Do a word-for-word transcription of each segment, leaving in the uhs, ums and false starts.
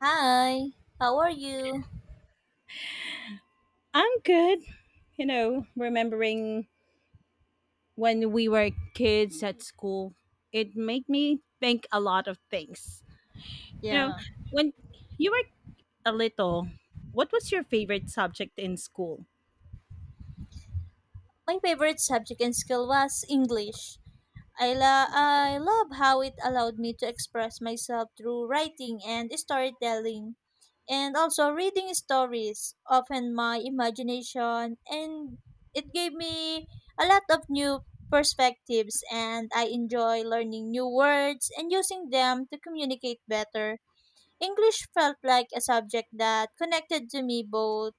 Hi, how are you? I'm good. You know, remembering when we were kids at school, it made me think a lot of things. You know, Yeah. when you were a little, what was your favorite subject in school? My favorite subject in school was English. I, lo- I love how it allowed me to express myself through writing and storytelling, and also reading stories, often my imagination, and it gave me a lot of new perspectives, and I enjoy learning new words and using them to communicate better. English felt like a subject that connected to me both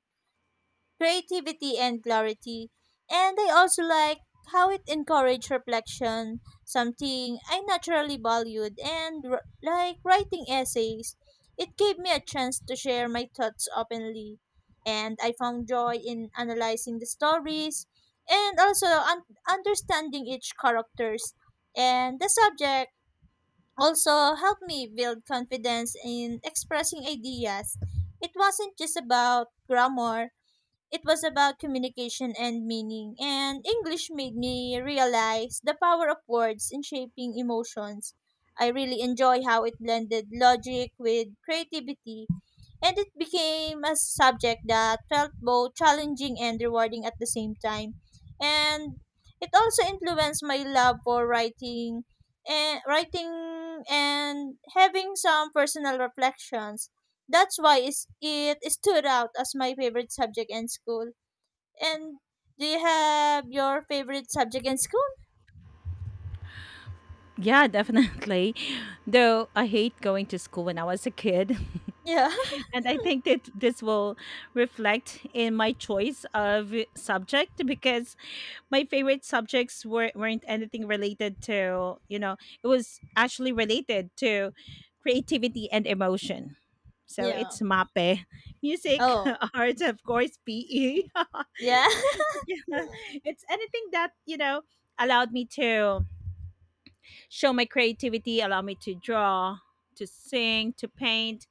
creativity and clarity. And I also like how it encouraged reflection, something I naturally valued, and r- like writing essays. It gave me a chance to share my thoughts openly, and I found joy in analyzing the stories and also un- understanding each characters. And the subject also helped me build confidence in expressing ideas. It wasn't just about grammar, it was about communication and meaning. And English made me realize the power of words in shaping emotions. I really enjoy how it blended logic with creativity and it became a subject that felt both challenging and rewarding at the same time. And it also influenced my love for writing and writing and having some personal reflections. That's why is- it stood out as my favorite subject in school. And do you have your favorite subject in school? Yeah, definitely. Though I hate going to school when I was a kid. Yeah. And I think that this will reflect in my choice of subject because my favorite subjects were, weren't anything related to, you know, it was actually related to creativity and emotion. So Yeah. it's M A P E, music, Oh. arts, of course, P E. But Yeah. yeah, it's anything that, you know, allowed me to show my creativity, allow me to draw, to sing, to paint,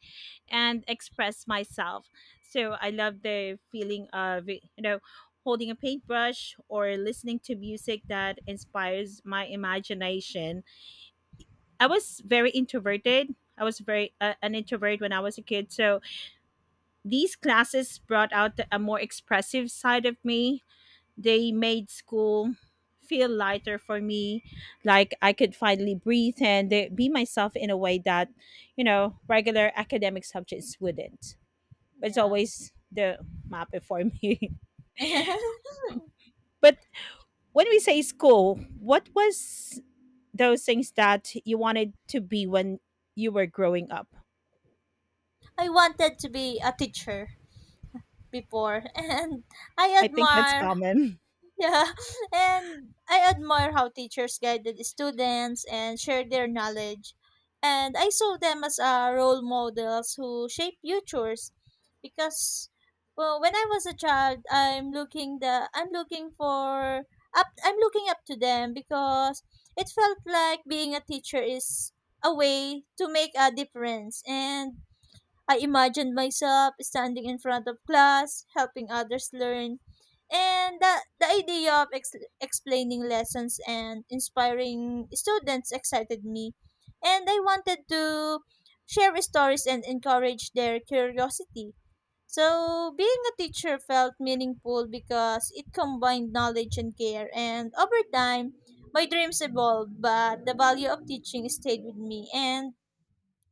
and express myself. So I love the feeling of, you know, holding a paintbrush or listening to music that inspires my imagination. I was very introverted. I was very uh, an introvert when I was a kid. So these classes brought out a more expressive side of me. They made school feel lighter for me, like I could finally breathe and uh, be myself in a way that, you know, regular academic subjects wouldn't. But it's yeah. always the M A P E for me. But when we say school, what was those things that you wanted to be when you were growing up? I wanted to be a teacher before. And I I think that's admire, common. yeah, and I admire how teachers guided students and shared their knowledge, and I saw them as uh, role models who shape futures because well, when I was a child, I'm looking the I'm looking for up I'm looking up to them because it felt like being a teacher is a way to make a difference, and I imagined myself standing in front of class, helping others learn. And the, the idea of ex- explaining lessons and inspiring students excited me. And I wanted to share stories and encourage their curiosity. So, being a teacher felt meaningful because it combined knowledge and care. And over time, my dreams evolved, but the value of teaching stayed with me. And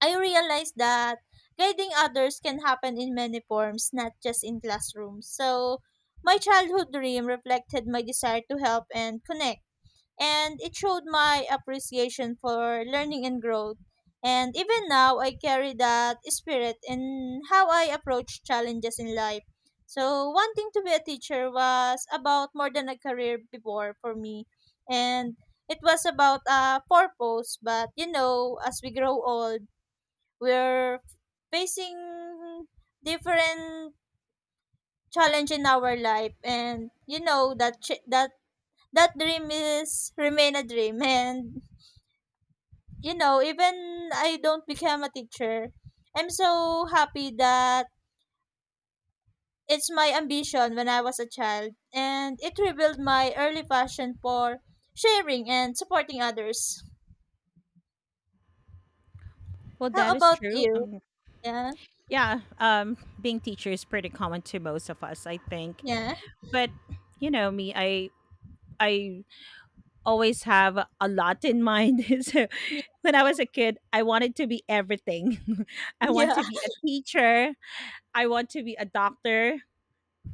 I realized that guiding others can happen in many forms, not just in classrooms. So, my childhood dream reflected my desire to help and connect, and it showed my appreciation for learning and growth. And even now, I carry that spirit in how I approach challenges in life. So, wanting to be a teacher was about more than a career before for me. And it was about a purpose, but you know, as we grow old, we're facing different challenge in our life, and you know that ch- that that dream is remain a dream. And you know, even I don't become a teacher, I'm so happy that it's my ambition when I was a child, and it revealed my early passion for sharing and supporting others. Well, How that is about true. you? Um, yeah. Yeah, um, being teacher is pretty common to most of us, I think. Yeah. But you know me, I I always have a lot in mind. So, when I was a kid, I wanted to be everything. I want Yeah. to be a teacher, I want to be a doctor,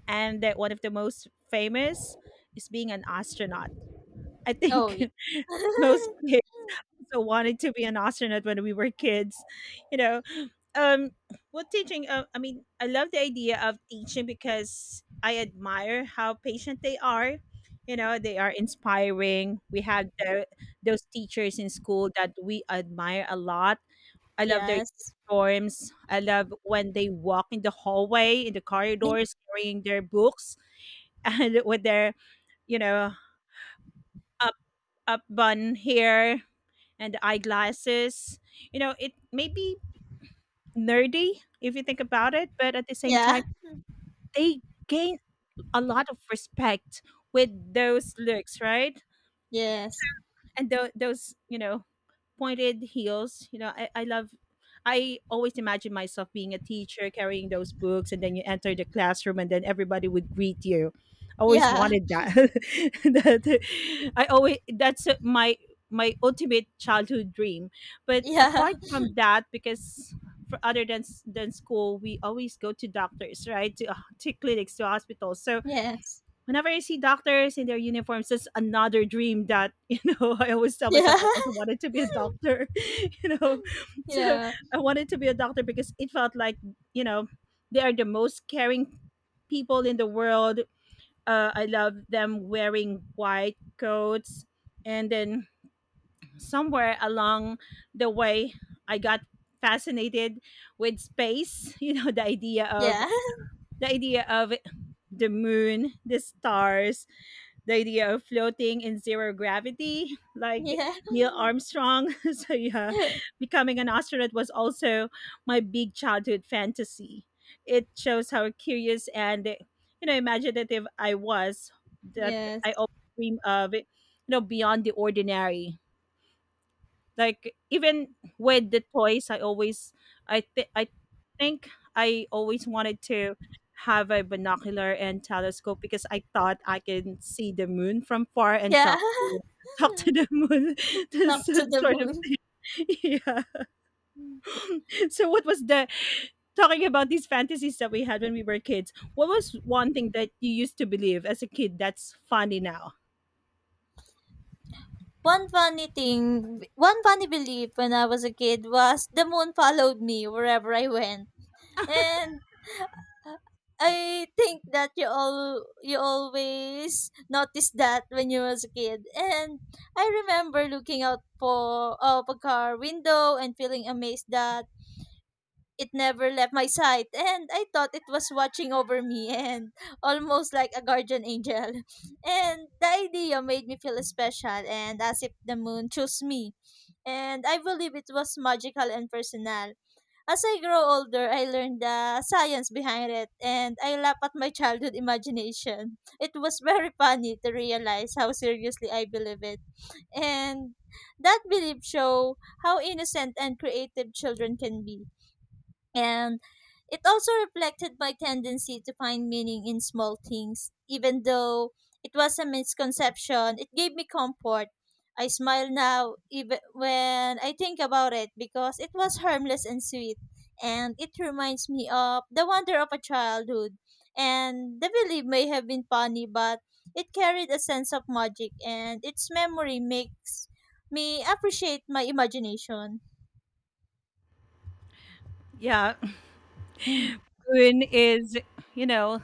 and that one of the most famous is being an astronaut. I Oh yeah. think most kids also wanted to be an astronaut when we were kids, you know. Um, what teaching? Uh, I mean, I love the idea of teaching because I admire how patient they are. You know, they are inspiring. We have the, those teachers in school that we admire a lot. I love their Yes. uniforms. I love when they walk in the hallway, in the corridors, carrying their books and with their, you know, up up bun hair and eyeglasses. You know, it may be nerdy if you think about it, but at the same Yeah. time, they gain a lot of respect with those looks, right? Yes. And tho- those, you know, pointed heels. You know, I, I love. I always imagine myself being a teacher carrying those books, and then you enter the classroom, and then everybody would greet you. I always Yeah. wanted that. That I always, that's my my ultimate childhood dream. But Yeah. apart from that, because for other than than school, we always go to doctors, right? To, to clinics, to hospitals. So Yes. whenever I see doctors in their uniforms, that's another dream that, you know, I always tell Yeah. myself I also wanted to be a doctor, you know. So Yeah. I wanted to be a doctor because it felt like, you know, they are the most caring people in the world. Uh, I love them wearing white coats. And then somewhere along the way, I got fascinated with space, you know, the idea of Yeah. the idea of the moon, the stars, the idea of floating in zero gravity, like Yeah. Neil Armstrong. So yeah, becoming an astronaut was also my big childhood fantasy. It shows how curious and, you know, imaginative I was, that Yes. I always dream of, you know, beyond the ordinary. Like even with the toys, I always I think I think I always wanted to have a binocular and telescope because I thought I can see the moon from far and Yeah. talk to talk to the moon. This Talk to the sort of moon. yeah. So what was the, talking about these fantasies that we had when we were kids, what was one thing that you used to believe as a kid that's funny now? One funny thing, one funny belief when I was a kid was the moon followed me wherever I went. And I think that you all you always noticed that when you was a kid. And I remember looking out for of a car window and feeling amazed that it never left my sight, and I thought it was watching over me, and almost like a guardian angel. And the idea made me feel special, and as if the moon chose me. And I believe it was magical and personal. As I grow older, I learned the science behind it, and I laugh at my childhood imagination. It was very funny to realize how seriously I believe it. And that belief show how innocent and creative children can be, and it also reflected my tendency to find meaning in small things. Even though it was a misconception, it gave me comfort. I smile now even when I think about it because it was harmless and sweet. And it reminds me of the wonder of a childhood. And the belief may have been funny, but it carried a sense of magic, and its memory makes me appreciate my imagination. Yeah, Hmm. moon is, you know,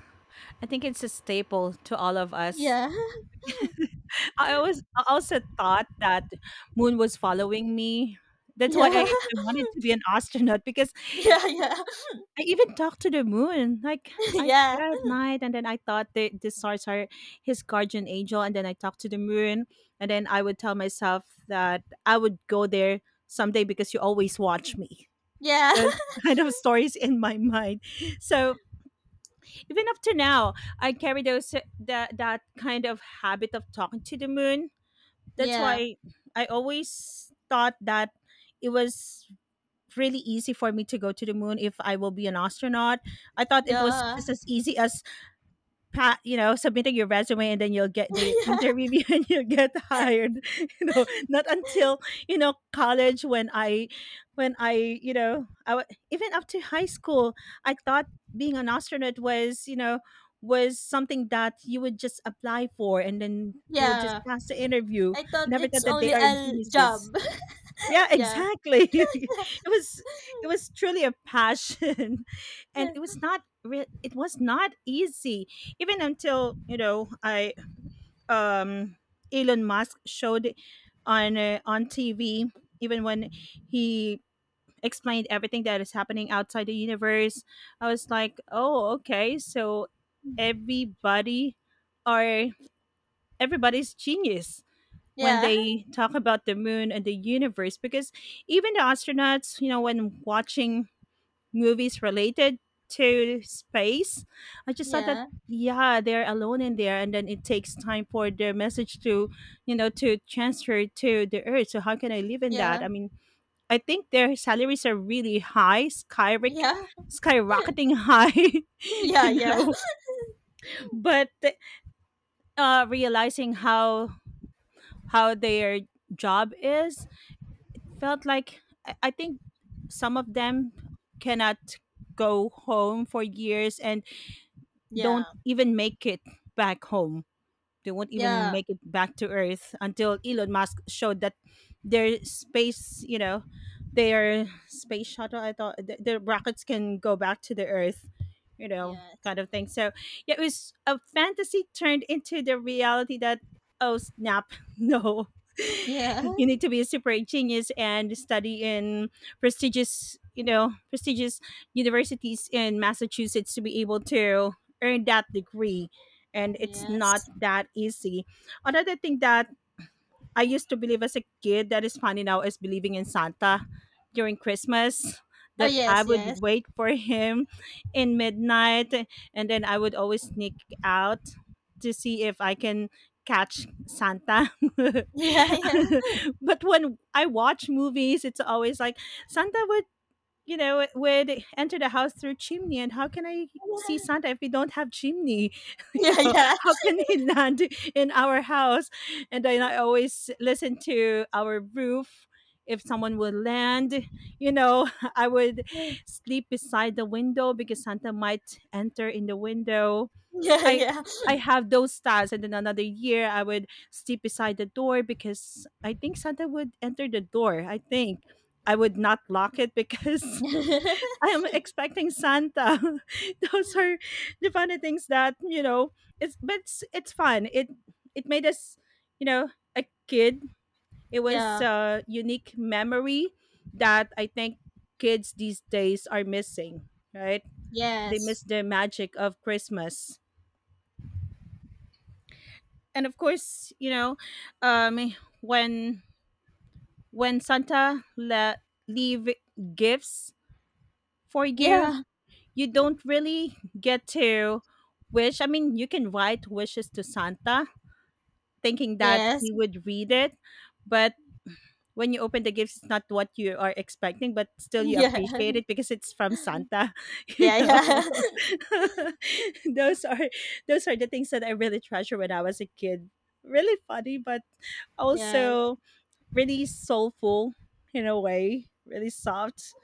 I think it's a staple to all of us. Yeah. I always, I also thought that moon was following me. That's why Yeah. I, I wanted to be an astronaut because Yeah, yeah. I even talked to the moon. Like I Yeah, stare at night, and then I thought that the stars are his guardian angel, and then I talked to the moon, and then I would tell myself that I would go there someday because you always watch me. yeah. There's kind of stories in my mind. So even up to now, I carry those that that kind of habit of talking to the moon. That's Yeah, why I always thought that it was really easy for me to go to the moon if I will be an astronaut. I thought it was yeah. just as easy as pa- you know, submitting your resume and then you'll get the Yeah, interview and you'll get hired. You know, not until, you know, college when i when i you know, I w- even up to high school I thought being an astronaut was, you know, was something that you would just apply for and then you would just yeah. pass the interview. I I thought never it's thought that they only are a geniuses. job. Yeah, Yeah, exactly. It was it was truly a passion, and it was not re- it was not easy. Even until, you know, I um, Elon Musk showed on uh, on T V. Even when he explained everything that is happening outside the universe, I was like, oh, okay, so everybody are everybody's genius when yeah, they talk about the moon and the universe because even the astronauts, you know, when watching movies related to space I just thought that yeah, yeah they're alone in there and then it takes time for their message to, you know, to transfer to the earth. So how can I live in that? yeah, I mean, I think their salaries are really high, skyrock- yeah, skyrocketing high. You yeah, know, but uh realizing how how their job is felt like, I I think some of them cannot go home for years and yeah. don't even make it back home, they won't even Yeah, make it back to Earth, until Elon Musk showed that their space, you know, their space shuttle, I thought, th- their rockets can go back to the Earth, you know, yeah, yes, kind of thing. So yeah, it was a fantasy turned into the reality that, oh, snap, no. yeah, You need to be a super genius and study in prestigious, you know, prestigious universities in Massachusetts to be able to earn that degree, and it's not yes. that easy. Another thing that I used to believe as a kid that is funny now is believing in Santa during Christmas. Oh That I yes, yes. would wait for him in midnight, and then I would always sneak out to see if I can catch Santa. But when I watch movies, it's always like Santa would, you know, would enter the house through chimney, and how can I see Santa if we don't have chimney? You know, how can he land in our house? And then I always listen to our roof. If someone would land, you know, I would sleep beside the window because Santa might enter in the window. I I have those styles, and then another year I would sleep beside the door because I think Santa would enter the door. I think I would not lock it because I am expecting Santa. Those are the funny things that, you know. It's, but it's, it's fun. It it made us, you know, a kid. Yeah, yeah, yeah, yeah, yeah, yeah, It was yeah. Yeah, a unique memory that I think kids these days are missing. Right? They yes, miss the magic of Christmas. And of course, you know, um, when when Santa le- leave gifts for you, yeah, you don't really get to wish. I mean, you can write wishes to Santa thinking that he yes. would read it, but when you open the gifts, it's not what you are expecting, but still you Yeah, appreciate it because it's from Santa, you yeah, know. yeah. those are those are the things that I really treasure when I was a kid. Really funny, but Yes. also really soulful in a way, really soft.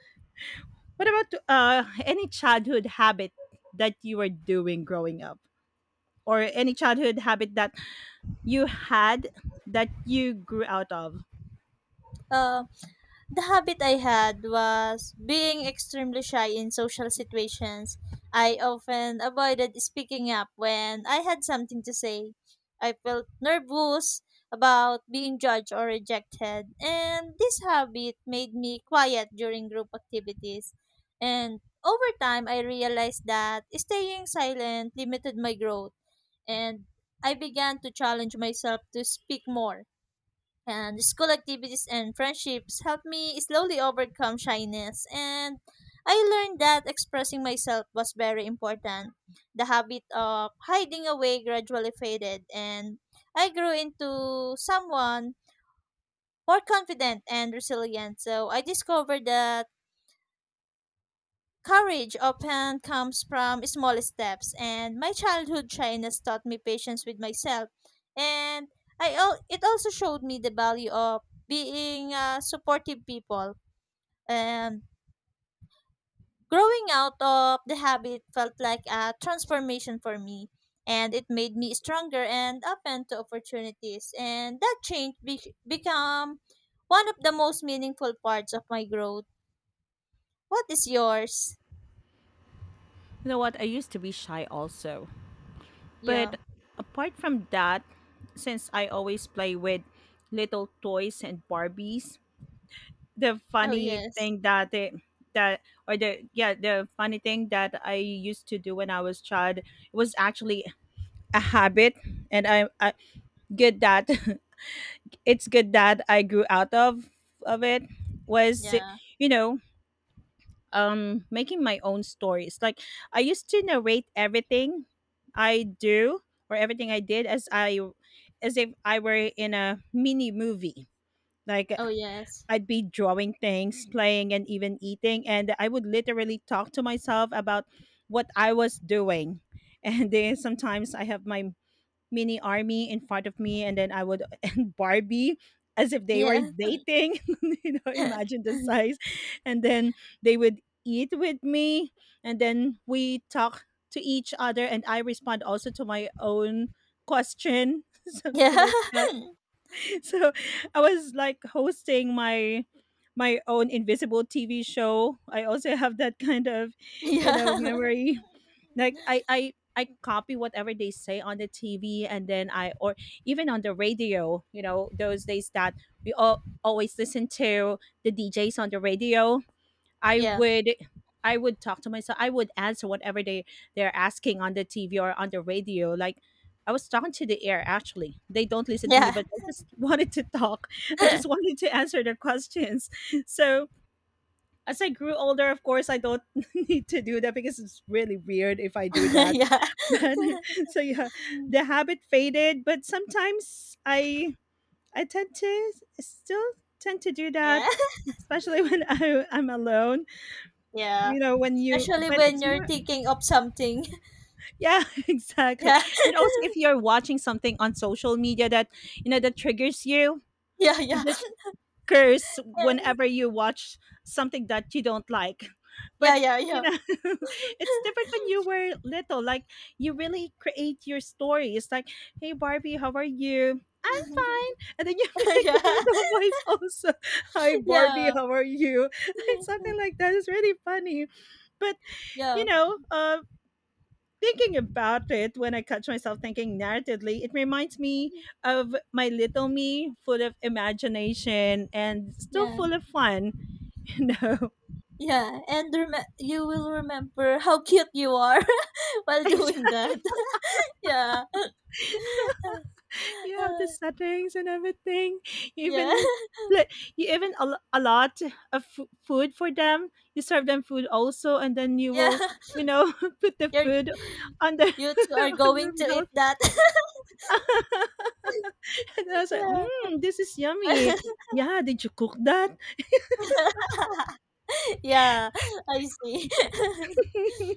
What about uh any childhood habit that you were doing growing up, or any childhood habit that you had that you grew out of? Um. The habit I had was being extremely shy in social situations. I often avoided speaking up when I had something to say. I felt nervous about being judged or rejected, and this habit made me quiet during group activities. And over time, I realized that staying silent limited my growth, and I began to challenge myself to speak more, and school activities and friendships helped me slowly overcome shyness, and I learned that expressing myself was very important. The habit of hiding away gradually faded, and I grew into someone more confident and resilient. So I discovered that courage often comes from small steps, and my childhood shyness taught me patience with myself, and I al- it also showed me the value of being uh, supportive people. And growing out of the habit felt like a transformation for me, and it made me stronger and open to opportunities. And that change be- become one of the most meaningful parts of my growth. What is yours? You know what? I used to be shy also. Yeah. But apart from that, since I always play with little toys and Barbies, the Oh funny yes. thing that it that or the yeah, the funny thing that I used to do when I was child was actually a habit, and I, I good that it's good that I grew out of of it, was, Yeah. you know, um making my own stories. Like I used to narrate everything I do or everything I did, as I as if I were in a mini movie. Like Oh yes. I'd be drawing things, playing, and even eating. And I would literally talk to myself about what I was doing. And then sometimes I have my mini army in front of me, and then I would and Barbie as if they were Yeah. dating. You know, imagine the size. And then they would eat with me, and then we talk to each other, and I respond also to my own question, Yeah. something like that. So I was like hosting my my own invisible T V show. I also have that kind of, you Yeah. know, memory. Like I I I copy whatever they say on the T V, and then I or even on the radio, you know, those days that we all always listen to the D Js on the radio. I Yeah. would I would talk to myself. I would answer whatever they they're asking on the T V or on the radio. Like I was talking to the air actually. They don't listen to me, Yeah. but I just wanted to talk. I just wanted to answer their questions. So as I grew older, of course, I don't need to do that because it's really weird if I do that. Yeah. But so yeah, the habit faded. But sometimes I I tend to still tend to do that, Yeah. especially when I, I'm alone, Yeah. you know, when you, Especially but when it's you're more. thinking of something. Yeah, exactly. Yeah. And also if you're watching something on social media that, you know, that triggers you, Yeah. you Yeah. just curse whenever you watch something that you don't like. Yeah. But Yeah. you Yeah. know, it's different when you were little. Like you really create your story. It's like, hey Barbie, how are you? I'm fine. And then you make the Yeah. little voice also. Hi Barbie, Yeah. how are you? Like something like that is really funny. But you Yeah. know, uh, thinking about it, when I catch myself thinking narratively, it reminds me of my little me, full of imagination and still Yeah. full of fun. You know, Yeah. And rem- you will remember how cute you are while like doing that. Yeah. you have the settings and everything. You Yeah. even pla- you even a, a lot of f- food for them. You serve them food also, and then you Yeah. will. You know, Put the You're, food on the you two are on your going to eat mouth. that. And I was like, Yeah. mm, this is yummy. Yeah, did you cook that? Yeah, I see.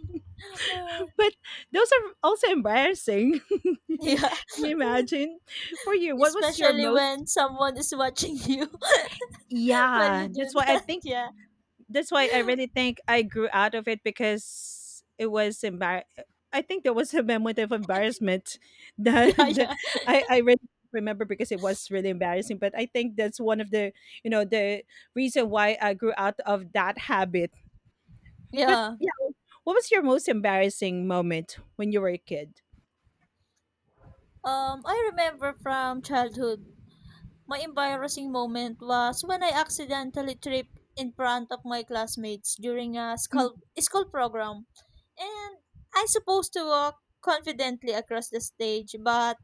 Uh, But those are also embarrassing. you yeah, Imagine for you, what was your especially most? when someone is watching you while Yeah, you do that's why I that. think Yeah. that's why I really think I grew out of it because it was embar. I think there was a moment of embarrassment that, Yeah, that yeah, I I really remember because it was really embarrassing. But I think that's one of the, you know the reason why I grew out of that habit. But yeah. yeah, what was your most embarrassing moment when you were a kid? Um, I remember from childhood, my embarrassing moment was when I accidentally tripped in front of my classmates during a Mm. school school program, and I supposed to walk confidently across the stage, but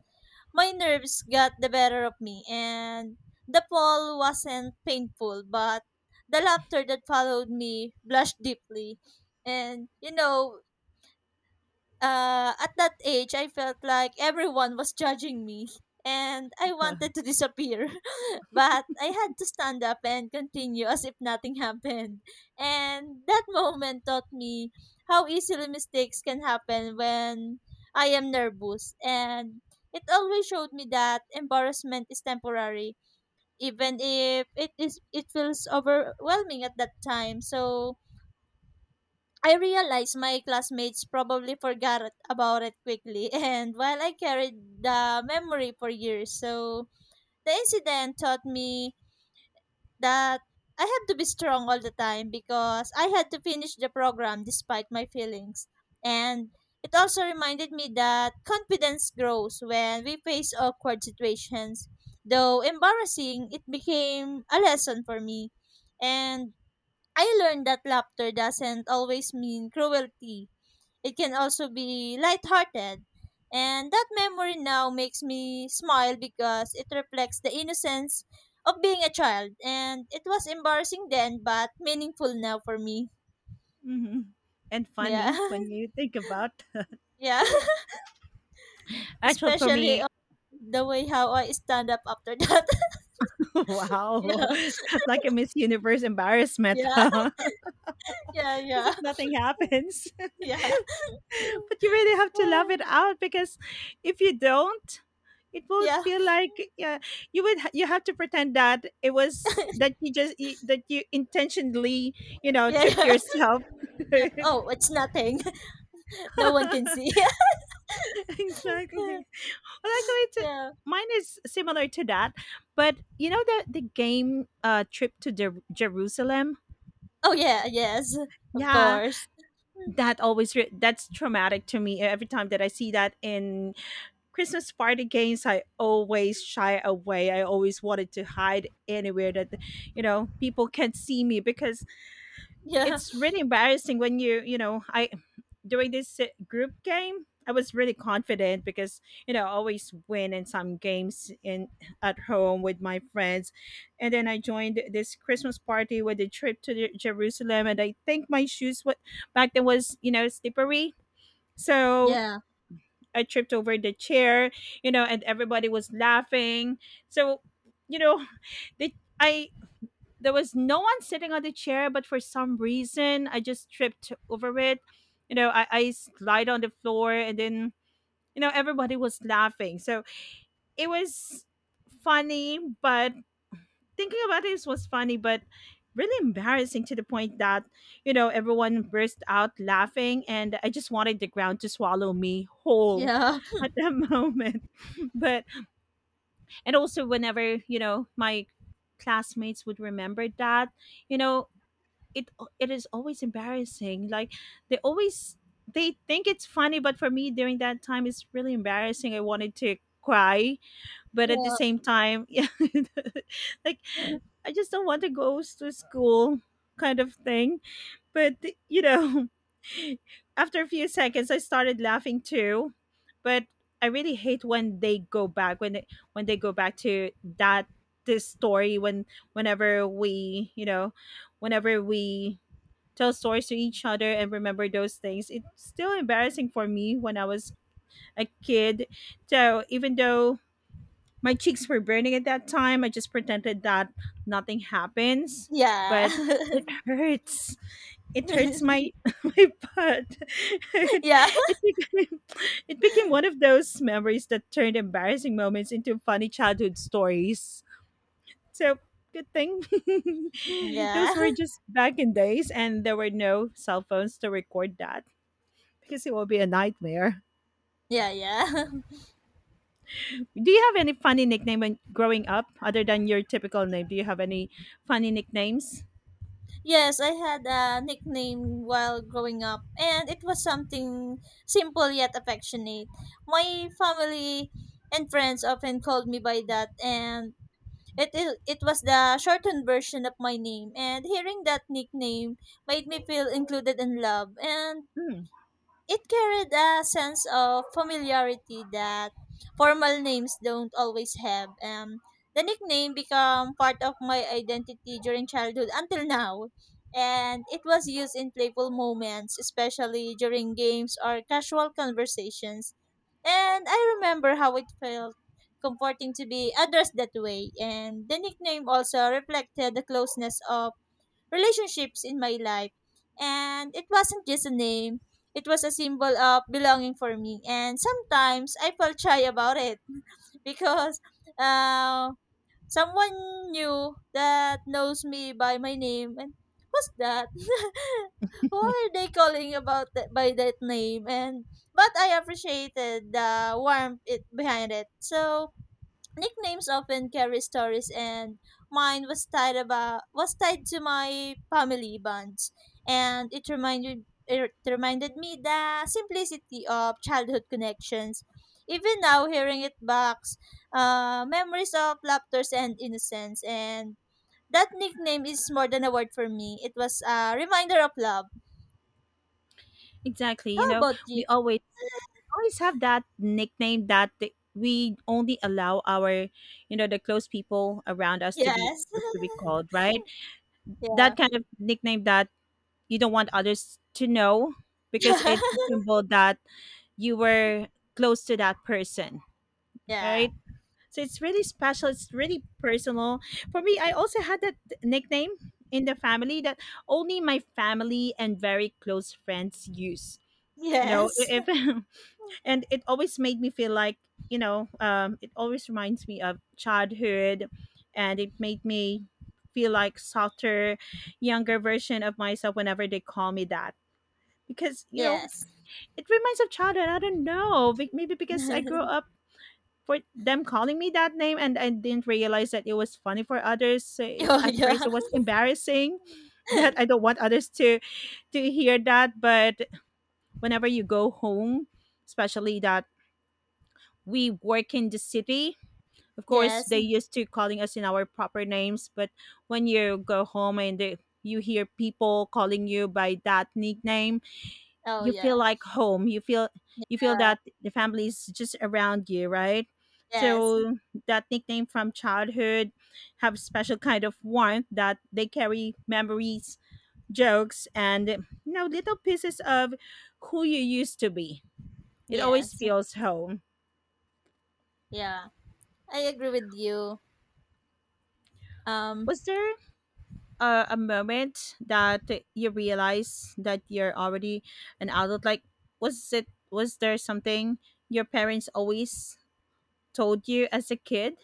my nerves got the better of me, and the fall wasn't painful, but the laughter that followed me blushed deeply. And, you know, uh, at that age, I felt like everyone was judging me, and I wanted to disappear. But I had to stand up and continue as if nothing happened. And that moment taught me how easily mistakes can happen when I am nervous. And it always showed me that embarrassment is temporary, even if it is it feels overwhelming at that time. So I realized my classmates probably forgot it- about it quickly, and while I carried the memory for years, so the incident taught me that I had to be strong all the time because I had to finish the program despite my feelings. And it also reminded me that confidence grows when we face awkward situations. Though embarrassing, it became a lesson for me. And I learned that laughter doesn't always mean cruelty. It can also be lighthearted. And that memory now makes me smile because it reflects the innocence of being a child. And it was embarrassing then, but meaningful now for me. Mhm. And Yeah. funny when you think about. Yeah. Actually, for Especially me, uh, the way how I stand up after that. Yeah. wow, like a Miss Universe embarrassment, Yeah. huh? As Yeah. if nothing happens. Yeah. Yeah. But you really have to love it out, because if you don't, it would Yeah, feel like, yeah, you would ha- you have to pretend that it was, that you just you- that you intentionally, you know yeah, tripped yeah, yourself. yeah. Right? Oh, it's nothing. No one can see. Exactly. Well, actually, it's, Yeah. mine is similar to that. But you know the the game, uh trip to Jer- jerusalem Oh, yeah, yes. Of Yeah, course. that always re- that's traumatic to me every time that I see that in Christmas party games. I always shy away. I always wanted to hide anywhere that you know people can't see me, because Yeah, it's really embarrassing when you you know I, during this uh, group game. I was really confident because, you know I always win in some games in at home with my friends, and then I joined this Christmas party with a trip to Jerusalem, and I think my shoes what back then was, you know slippery, so yeah. I tripped over the chair, you know, and everybody was laughing. So, you know, the I there was no one sitting on the chair, but for some reason I just tripped over it. You know, I, I slide on the floor, and then, you know, everybody was laughing. So it was funny, but thinking about this was funny, but really embarrassing, to the point that, you know, everyone burst out laughing, and I just wanted the ground to swallow me whole Yeah. at that moment. But, and also whenever, you know, my classmates would remember that, you know, it, it is always embarrassing. Like they always, they think it's funny, but for me during that time, it's really embarrassing. I wanted to cry, but at the Yeah. same time, yeah, like I just don't want to go s- to school kind of thing. But you know, after a few seconds, I started laughing too. But I really hate when they go back, when they, when they go back to that, this story, when, whenever we, you know whenever we tell stories to each other and remember those things, it's still embarrassing for me when I was a kid. So even though my cheeks were burning at that time, I just pretended that nothing happens, Yeah. but it hurts. It hurts my my butt. It, Yeah. it became it became one of those memories that turned embarrassing moments into funny childhood stories. So good thing those Yeah. were just back in days, and there were no cell phones to record that, because it will be a nightmare. Yeah, yeah. Do you have any funny nickname when growing up other than your typical name? Do you have any funny nicknames? Yes, I had a nickname while growing up, and it was something simple yet affectionate. My family and friends often called me by that, and it is it was the shortened version of my name, and hearing that nickname made me feel included and loved, and Mm, it carried a sense of familiarity that formal names don't always have. Um, the nickname became part of my identity during childhood until now. And it was used in playful moments, especially during games or casual conversations. And I remember how it felt comforting to be addressed that way. And the nickname also reflected the closeness of relationships in my life. And it wasn't just a name, it was a symbol of belonging for me. And sometimes I felt shy about it because uh, someone new that knows me by my name and who's that? Who are they calling about that, by that name? And but I appreciated the warmth it behind it. So nicknames often carry stories, and mine was tied about was tied to my family bonds, and it reminded it reminded me the simplicity of childhood connections. Even now, hearing it back, uh, memories of laughter and innocence, and that nickname is more than a word for me. It was a reminder of love. exactly. How You know, about you? we always always have that nickname that th- we only allow our, you know, the close people around us to be Yes. to be called, right? Yeah. That kind of nickname that you don't want others to know because it's a symbol that you were close to that person, Yeah. right? So it's really special. It's really personal. For me, I also had that nickname in the family that only my family and very close friends use. You know, Yes. i- if and it always made me feel like, you know, um, it always reminds me of childhood, and it made me feel like softer, younger version of myself whenever they call me that, because you know Yes. it reminds of childhood. I don't know, be- maybe because I grew up for them calling me that name, and I didn't realize that it was funny for others. So it, Yeah. at Yeah. first, it was embarrassing that I don't want others to to hear that, but whenever you go home, especially that we work in the city, of course Yes. they used to calling us in our proper names, but when you go home and they, you hear people calling you by that nickname, Oh you feel yeah. like home, you feel you feel Uh, that the family is just around you, right? yes. So that nickname from childhood have special kind of warmth, that they carry memories, jokes, and, you know little pieces of who you used to be. It always Yes. feels home. Yeah. I agree with you. Um, Was there a, a moment that you realize that you're already an adult, like was it was there something your parents always told you as a kid?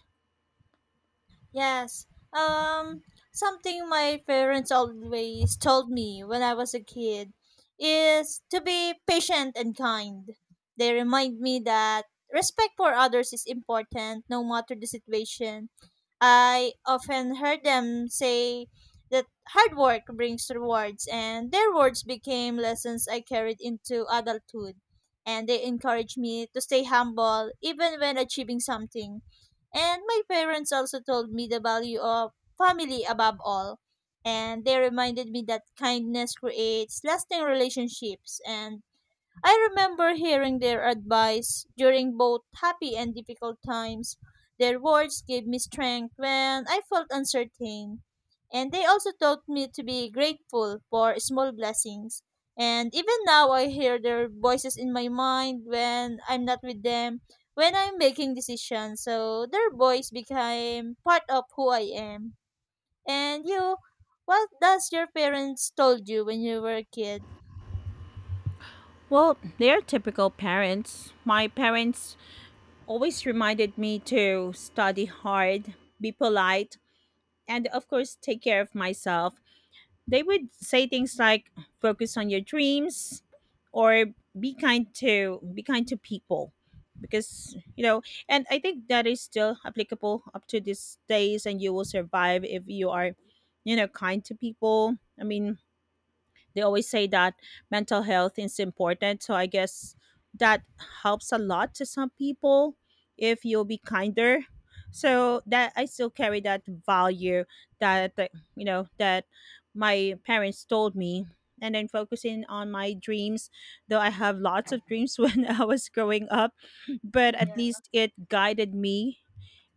yes. Um, something my parents always told me when I was a kid is to be patient and kind. They remind me that respect for others is important no matter the situation. I often heard them say that hard work brings rewards, and their words became lessons I carried into adulthood. And they encouraged me to stay humble even when achieving something. And my parents also told me the value of family above all. And they reminded me that kindness creates lasting relationships, and I remember hearing their advice during both happy and difficult times. Their words gave me strength when I felt uncertain, and they also taught me to be grateful for small blessings. And even now, I hear their voices in my mind when I'm not with them, when I'm making decisions. So their voice became part of who I am. And you, what does your parents told you when you were a kid? Well, they're typical parents. My parents always reminded me to study hard, be polite, and of course, take care of myself. They would say things like focus on your dreams, or be kind to be kind to people, because, you know and I think that is still applicable up to these days, and you will survive if you are, you know kind to people. I mean, they always say that mental health is important, so I guess that helps a lot to some people if you'll be kinder. So that I still carry that value that that, you know that my parents told me, and then focusing on my dreams, though I have lots of dreams when I was growing up, but at least it guided me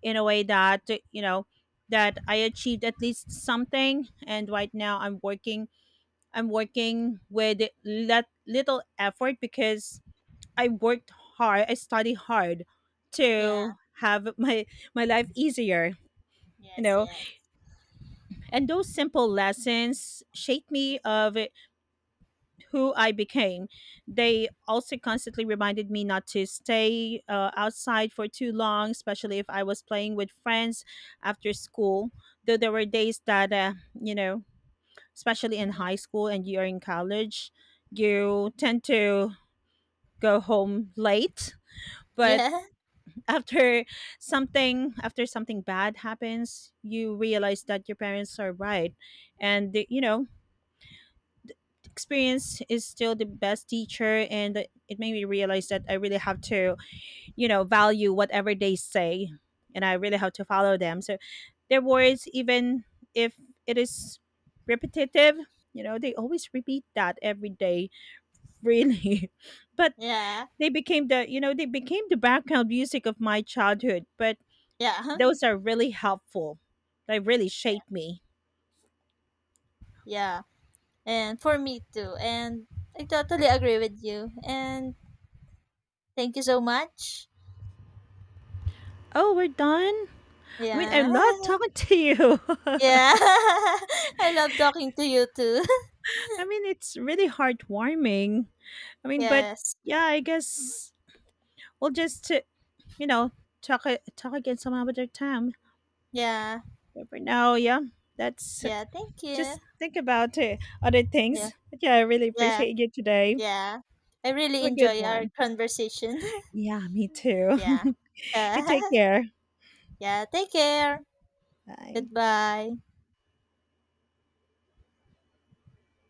in a way that, you know that I achieved at least something, and right now i'm working I'm working with let little effort, because I worked hard, I study hard Yeah. to have my my life easier, you Yes. know. Yes. And those simple lessons shaped me of it- who I became. They also constantly reminded me not to stay uh, outside for too long, especially if I was playing with friends after school. Though there were days that uh, you know, especially in Yeah. high school, and you're in college, you tend to go home late, but Yeah, after something, after something bad happens, you realize that your parents are right, and the, you know, experience is still the best teacher. And it made me realize that I really have to, you know value whatever they say, and I really have to follow them. So their words, even if it is repetitive, you know, they always repeat that every day, really. But yeah, they became the, you know they became the background music of my childhood, but yeah. those are really helpful. They really Yeah, shaped me. yeah. And for me too. And I totally agree with you. And thank you so much. Oh, we're done. I mean, I Yeah. love talking to you. Yeah. I love talking to you too. I mean, it's really heartwarming. I mean, but Yes. yeah, I guess we'll just, uh, you know, talk a- talk again some other time, Yeah, but for now, yeah, that's yeah. Thank just you. think about, uh, other Yeah, things, but yeah, I really yeah, appreciate you today. yeah. I really Have a good enjoy our one. conversation. Yeah, me too. Yeah. You take Yeah. care. Take care. Bye. Goodbye.